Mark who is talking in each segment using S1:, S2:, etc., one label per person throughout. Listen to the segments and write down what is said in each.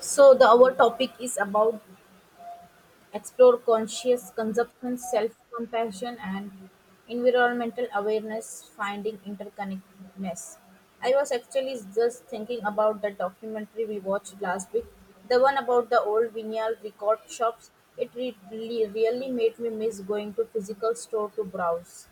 S1: So the our topic is about explore conscious consumption, self-compassion, and environmental awareness, finding interconnectedness. I was actually just thinking about the documentary we watched last week, the one about the old vinyl record shops. It really made me miss going to physical store to browse.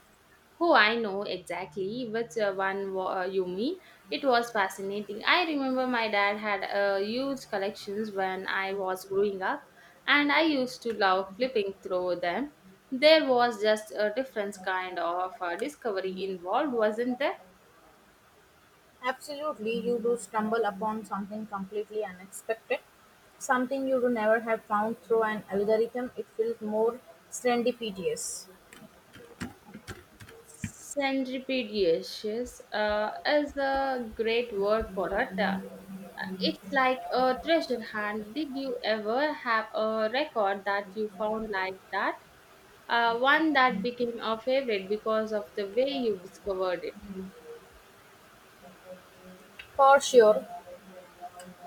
S2: Oh, I know exactly which you mean. It was fascinating. I remember my dad had huge collections when I was growing up, and I used to love flipping through them. There was just a different kind of discovery involved, wasn't there?
S1: Absolutely, you do stumble upon something completely unexpected, something you would never have found through an algorithm. It feels more serendipitous.
S2: Centripede, yes, yes, is a great word for it. It's like a treasure hunt. Did you ever have a record that you found like that? One that became a favorite because of the way you discovered it.
S1: For sure,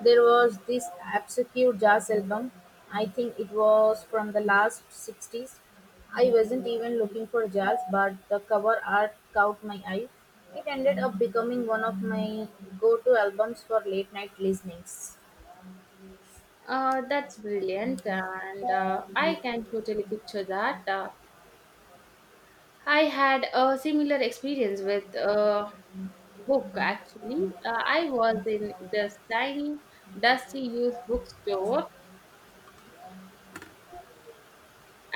S1: there was this obscure jazz album. I think it was from the last 60s. I wasn't even looking for jazz, but the cover art caught my eye. It ended up becoming one of my go to albums for late night listenings.
S2: That's brilliant, and I can totally picture that. I had a similar experience with a. book, actually. I was in this tiny dusty used bookstore,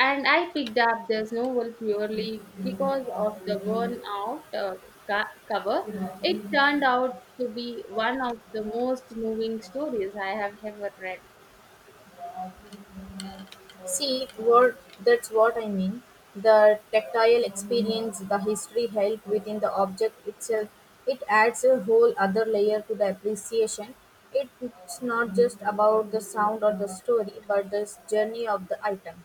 S2: and I picked up this novel purely because of the worn out cover. It turned out to be one of the most moving stories I have ever read.
S1: See, what That's what I mean. The tactile experience, the history held within the object itself, it adds a whole other layer to the appreciation. It's not just about the sound or the story, but the journey of the item.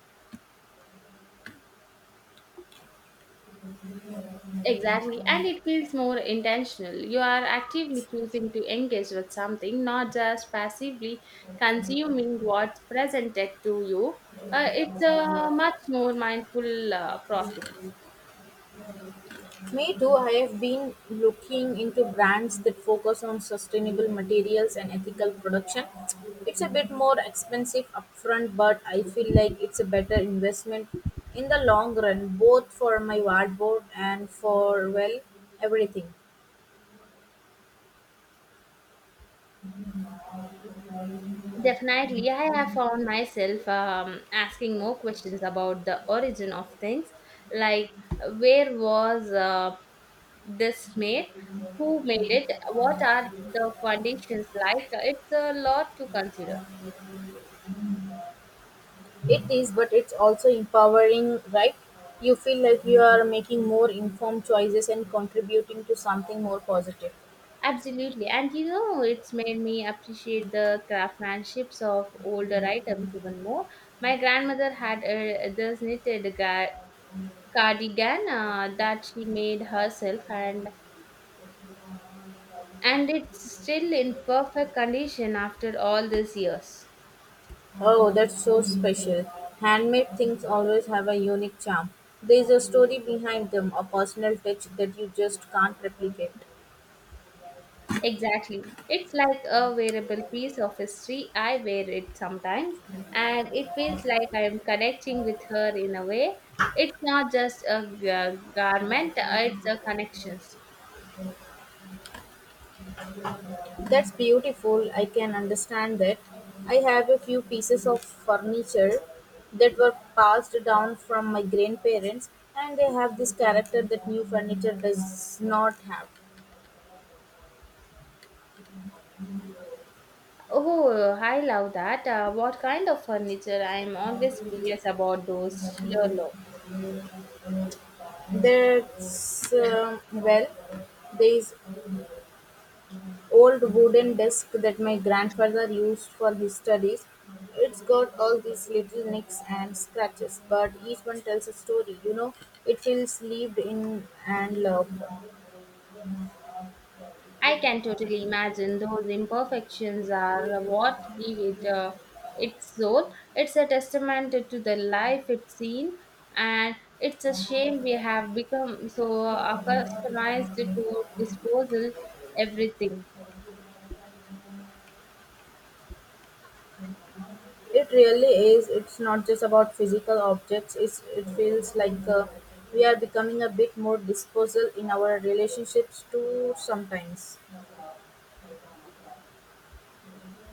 S2: Exactly, and it feels more intentional. You are actively choosing to engage with something, not just passively consuming what's presented to you. It's a much more mindful process.
S1: Me too, I have been looking into brands that focus on sustainable materials and ethical production. It's a bit more expensive upfront, but I feel like it's a better investment in the long run, both for my wardrobe and for, well, everything.
S2: Definitely, I have found myself asking more questions about the origin of things, like where was this made, who made it, what are the conditions like. It's a lot to consider.
S1: It is, but it's also empowering, right? You feel like you are making more informed choices and contributing to something more positive.
S2: Absolutely. And you know, it's made me appreciate the craftsmanships of older items even more. My grandmother had a, this knitted cardigan that she made herself, and it's still in perfect condition after all these years.
S1: Oh, that's so special. Handmade things always have a unique charm. There's a story behind them, a personal touch that you just can't replicate.
S2: Exactly. It's like a wearable piece of history. I wear it sometimes and it feels like I'm connecting with her in a way. It's not just a garment, it's a connection.
S1: That's beautiful. I can understand that. I have a few pieces of furniture that were passed down from my grandparents, and they have this character that new furniture does not have.
S2: Oh, I love that. What kind of furniture? I'm always curious about those sheer low.
S1: That's well, there is old wooden desk that my grandfather used for his studies. It's got all these little nicks and scratches, but each one tells a story. You know, it feels lived in and loved.
S2: I can totally imagine those imperfections are what give it its soul. It's a testament to the life it's seen, and it's a shame we have become so accustomed to disposal everything.
S1: It really is. It's not just about physical objects. It feels like we are becoming a bit more disposal in our relationships too sometimes.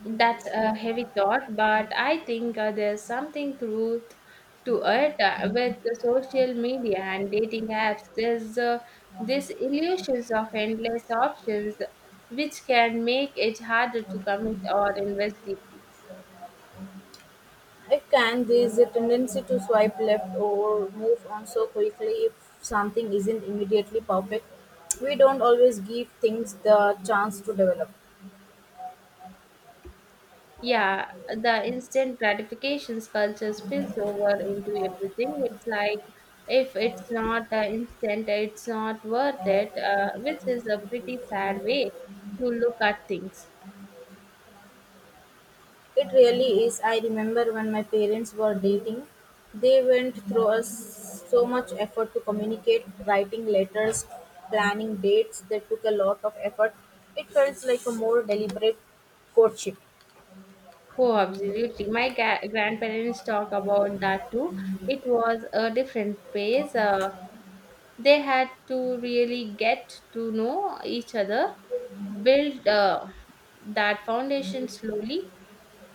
S2: That's a heavy thought, but I think there's something truth to it with the social media and dating apps. There's this illusions of endless options, which can make it harder to commit or invest deeply.
S1: It can. There is a tendency to swipe left or move on so quickly if something isn't immediately perfect. We don't always give things the chance to develop.
S2: Yeah, the instant gratifications culture spills over into everything. It's like if it's not instant, it's not worth it, which is a pretty sad way to look at things.
S1: It really is. I remember when my parents were dating, they went through us so much effort to communicate, writing letters, planning dates. They took a lot of effort. It felt like a more deliberate courtship.
S2: Oh, absolutely. My grandparents talk about that too. It was a different pace. They had to really get to know each other, build that foundation slowly.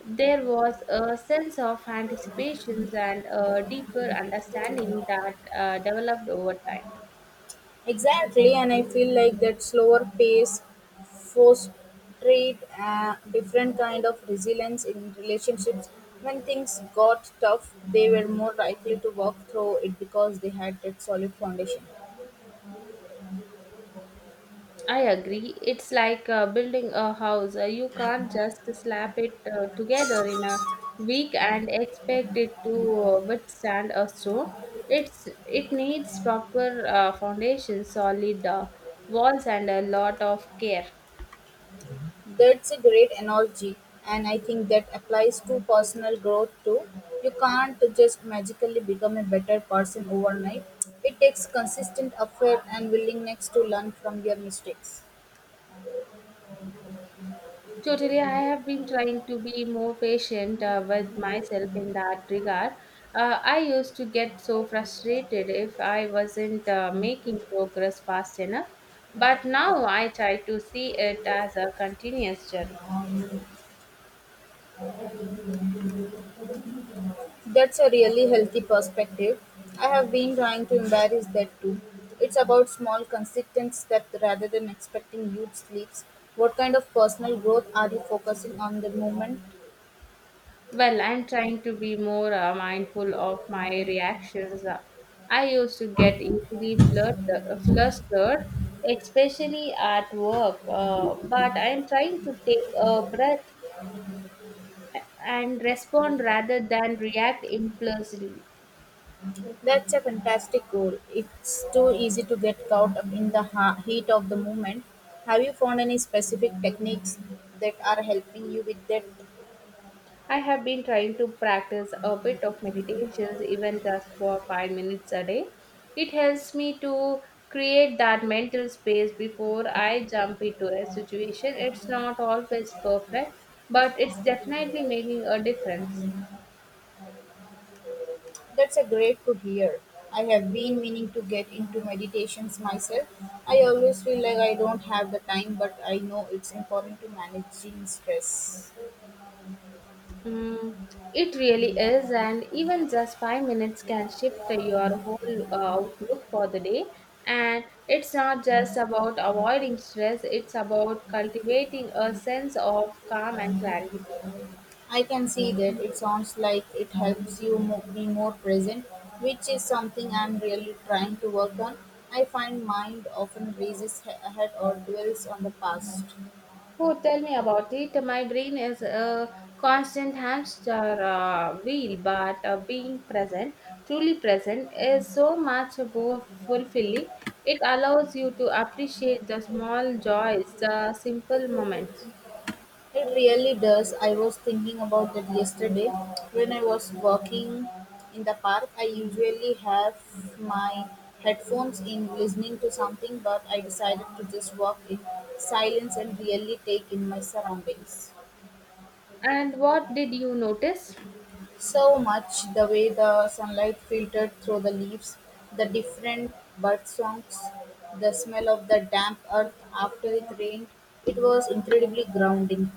S2: There was a sense of anticipations and a deeper understanding that developed over time.
S1: Exactly, and I feel like that slower pace frustrated a different kind of resilience in relationships. When things got tough, they were more likely to work through it because they had that solid foundation.
S2: I agree. It's like building a house. You can't just slap it together in a week and expect it to withstand a storm. It needs proper foundation, solid walls, and a lot of care.
S1: That's a great analogy, and I think that applies to personal growth too. You can't just magically become a better person overnight. It takes consistent effort and willingness to learn from your mistakes.
S2: Totally, I have been trying to be more patient with myself in that regard. I used to get so frustrated if I wasn't making progress fast enough, but now I try to see it as a continuous journey.
S1: That's a really healthy perspective. I have been trying to embrace that too. It's about small, consistent steps rather than expecting huge leaps. What kind of personal growth are you focusing on the moment?
S2: Well, I'm trying to be more mindful of my reactions. I used to get easily flustered, especially at work, but I'm trying to take a breath and respond rather than react impulsively.
S1: That's a fantastic goal. It's too easy to get caught up in the heat of the moment. Have you found any specific techniques that are helping you with that?
S2: I have been trying to practice a bit of meditations, even just for 5 minutes a day. It helps me to create that mental space before I jump into a situation. It's not always perfect, but it's definitely making a difference.
S1: That's a great to hear. I have been meaning to get into meditations myself. I always feel like I don't have the time, but I know it's important to managing stress.
S2: Mm, it really is, and even just 5 minutes can shift your whole outlook for the day. And it's not just about avoiding stress, it's about cultivating a sense of calm and clarity.
S1: I can see that it sounds like it helps you be more present, which is something I'm really trying to work on. I find mind often races ahead or dwells on the past.
S2: Oh, tell me about it. My brain is a constant hamster wheel, but being present, truly present, is so much more fulfilling. It allows you to appreciate the small joys, the simple moments.
S1: It really does. I was thinking about that yesterday when I was walking in the park. I usually have my headphones in listening to something, but I decided to just walk in silence and really take in my surroundings.
S2: And what did you notice?
S1: So much the way the sunlight filtered through the leaves, the different bird songs, the smell of the damp earth after it rained. It was incredibly grounding.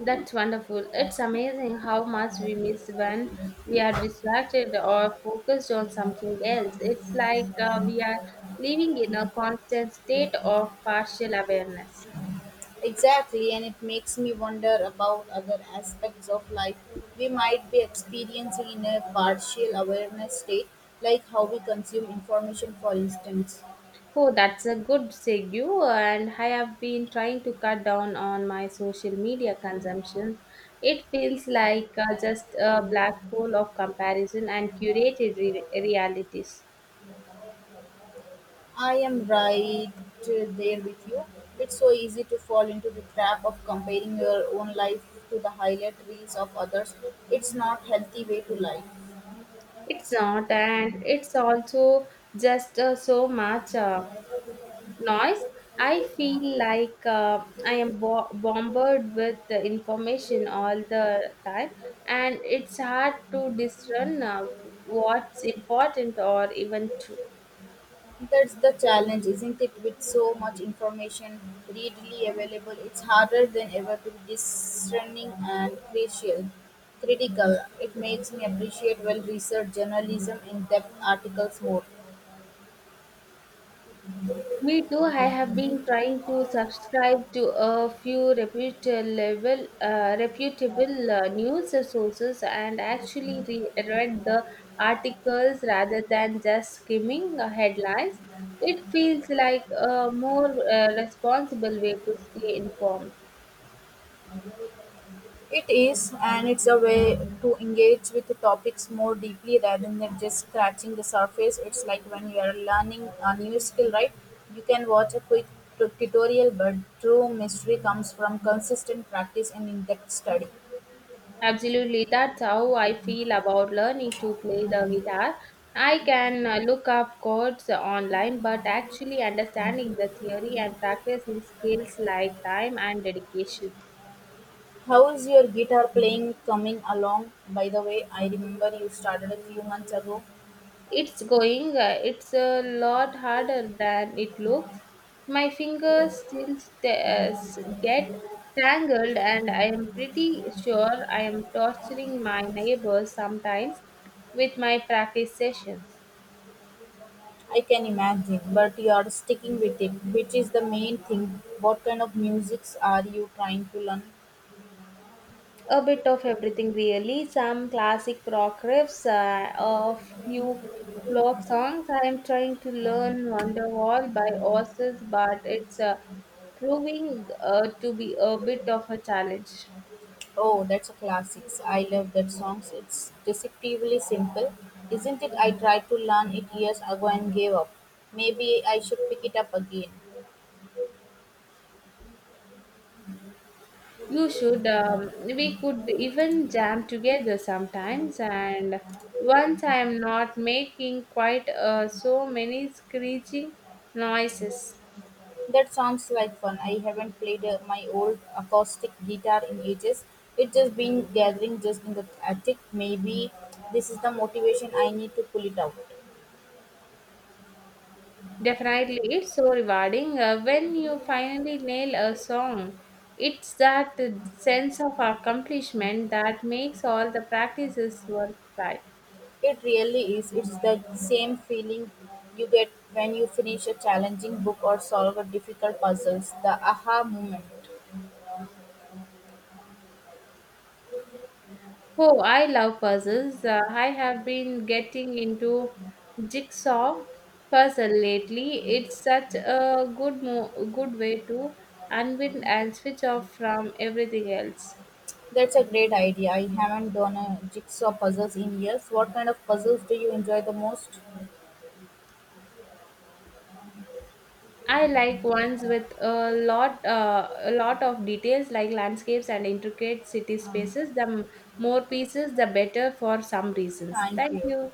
S2: That's wonderful. It's amazing how much we miss when we are distracted or focused on something else. It's like we are living in a constant state of partial awareness.
S1: Exactly, and it makes me wonder about other aspects of life we might be experiencing in a partial awareness state, like how we consume information, for instance.
S2: Oh, that's a good segue. And I have been trying to cut down on my social media consumption. It feels like just a black hole of comparison and curated realities.
S1: I am right there with you. It's so easy to fall into the trap of comparing your own life to the highlight reels of others. It's not healthy way to life.
S2: It's not, and it's also just so much noise. I feel like I am bombarded with the information all the time, and it's hard to discern what's important or even true.
S1: That's the challenge, isn't it? With so much information readily available, it's harder than ever to be discerning and crucial. Critical. It makes me appreciate well researched journalism in depth articles more.
S2: Me too. I have been trying to subscribe to a few reputable news sources and actually read the articles rather than just skimming headlines. It feels like a more responsible way to stay informed.
S1: It is, and it's a way to engage with the topics more deeply rather than just scratching the surface. It's like when you are learning a new skill, right? You can watch a quick tutorial, but true mystery comes from consistent practice and in depth study.
S2: Absolutely, that's how I feel about learning to play the guitar. I can look up chords online, but actually understanding the theory and practicing skills like time and dedication.
S1: How's your guitar playing coming along? By the way, I remember you started a few months ago.
S2: It's going, it's a lot harder than it looks. My fingers still get tangled, and I am pretty sure I am torturing my neighbors sometimes with my practice sessions.
S1: I can imagine, but you are sticking with it, which is the main thing. What kind of musics are you trying to learn?
S2: A bit of everything, really. Some classic rock riffs, a few folk songs. I am trying to learn Wonderwall by Oasis, but it's proving to be a bit of a challenge.
S1: Oh, that's a classics. I love that songs. It's deceptively simple, isn't it? I tried to learn it years ago and gave up. Maybe I should pick it up again.
S2: You should. We could even jam together sometimes. And once I am not making quite so many screeching noises.
S1: That sounds like fun. I haven't played my old acoustic guitar in ages. It's just been gathering just in the attic. Maybe this is the motivation I need to pull it out.
S2: Definitely, it's so rewarding when you finally nail a song. It's that sense of accomplishment that makes all the practices worthwhile.
S1: It really is. It's the same feeling you get when you finish a challenging book or solve a difficult puzzles. The aha moment.
S2: Oh, I love puzzles. I have been getting into jigsaw puzzle lately. It's such a good way to unwind and switch off from everything else.
S1: That's a great idea. I haven't done a jigsaw puzzles in years. What kind of puzzles do you enjoy the most?
S2: I like ones with a lot of details like landscapes and intricate city
S1: Um,
S2: spaces. The more pieces, the better for some reasons.
S1: thank
S2: Thank
S1: you.
S2: you.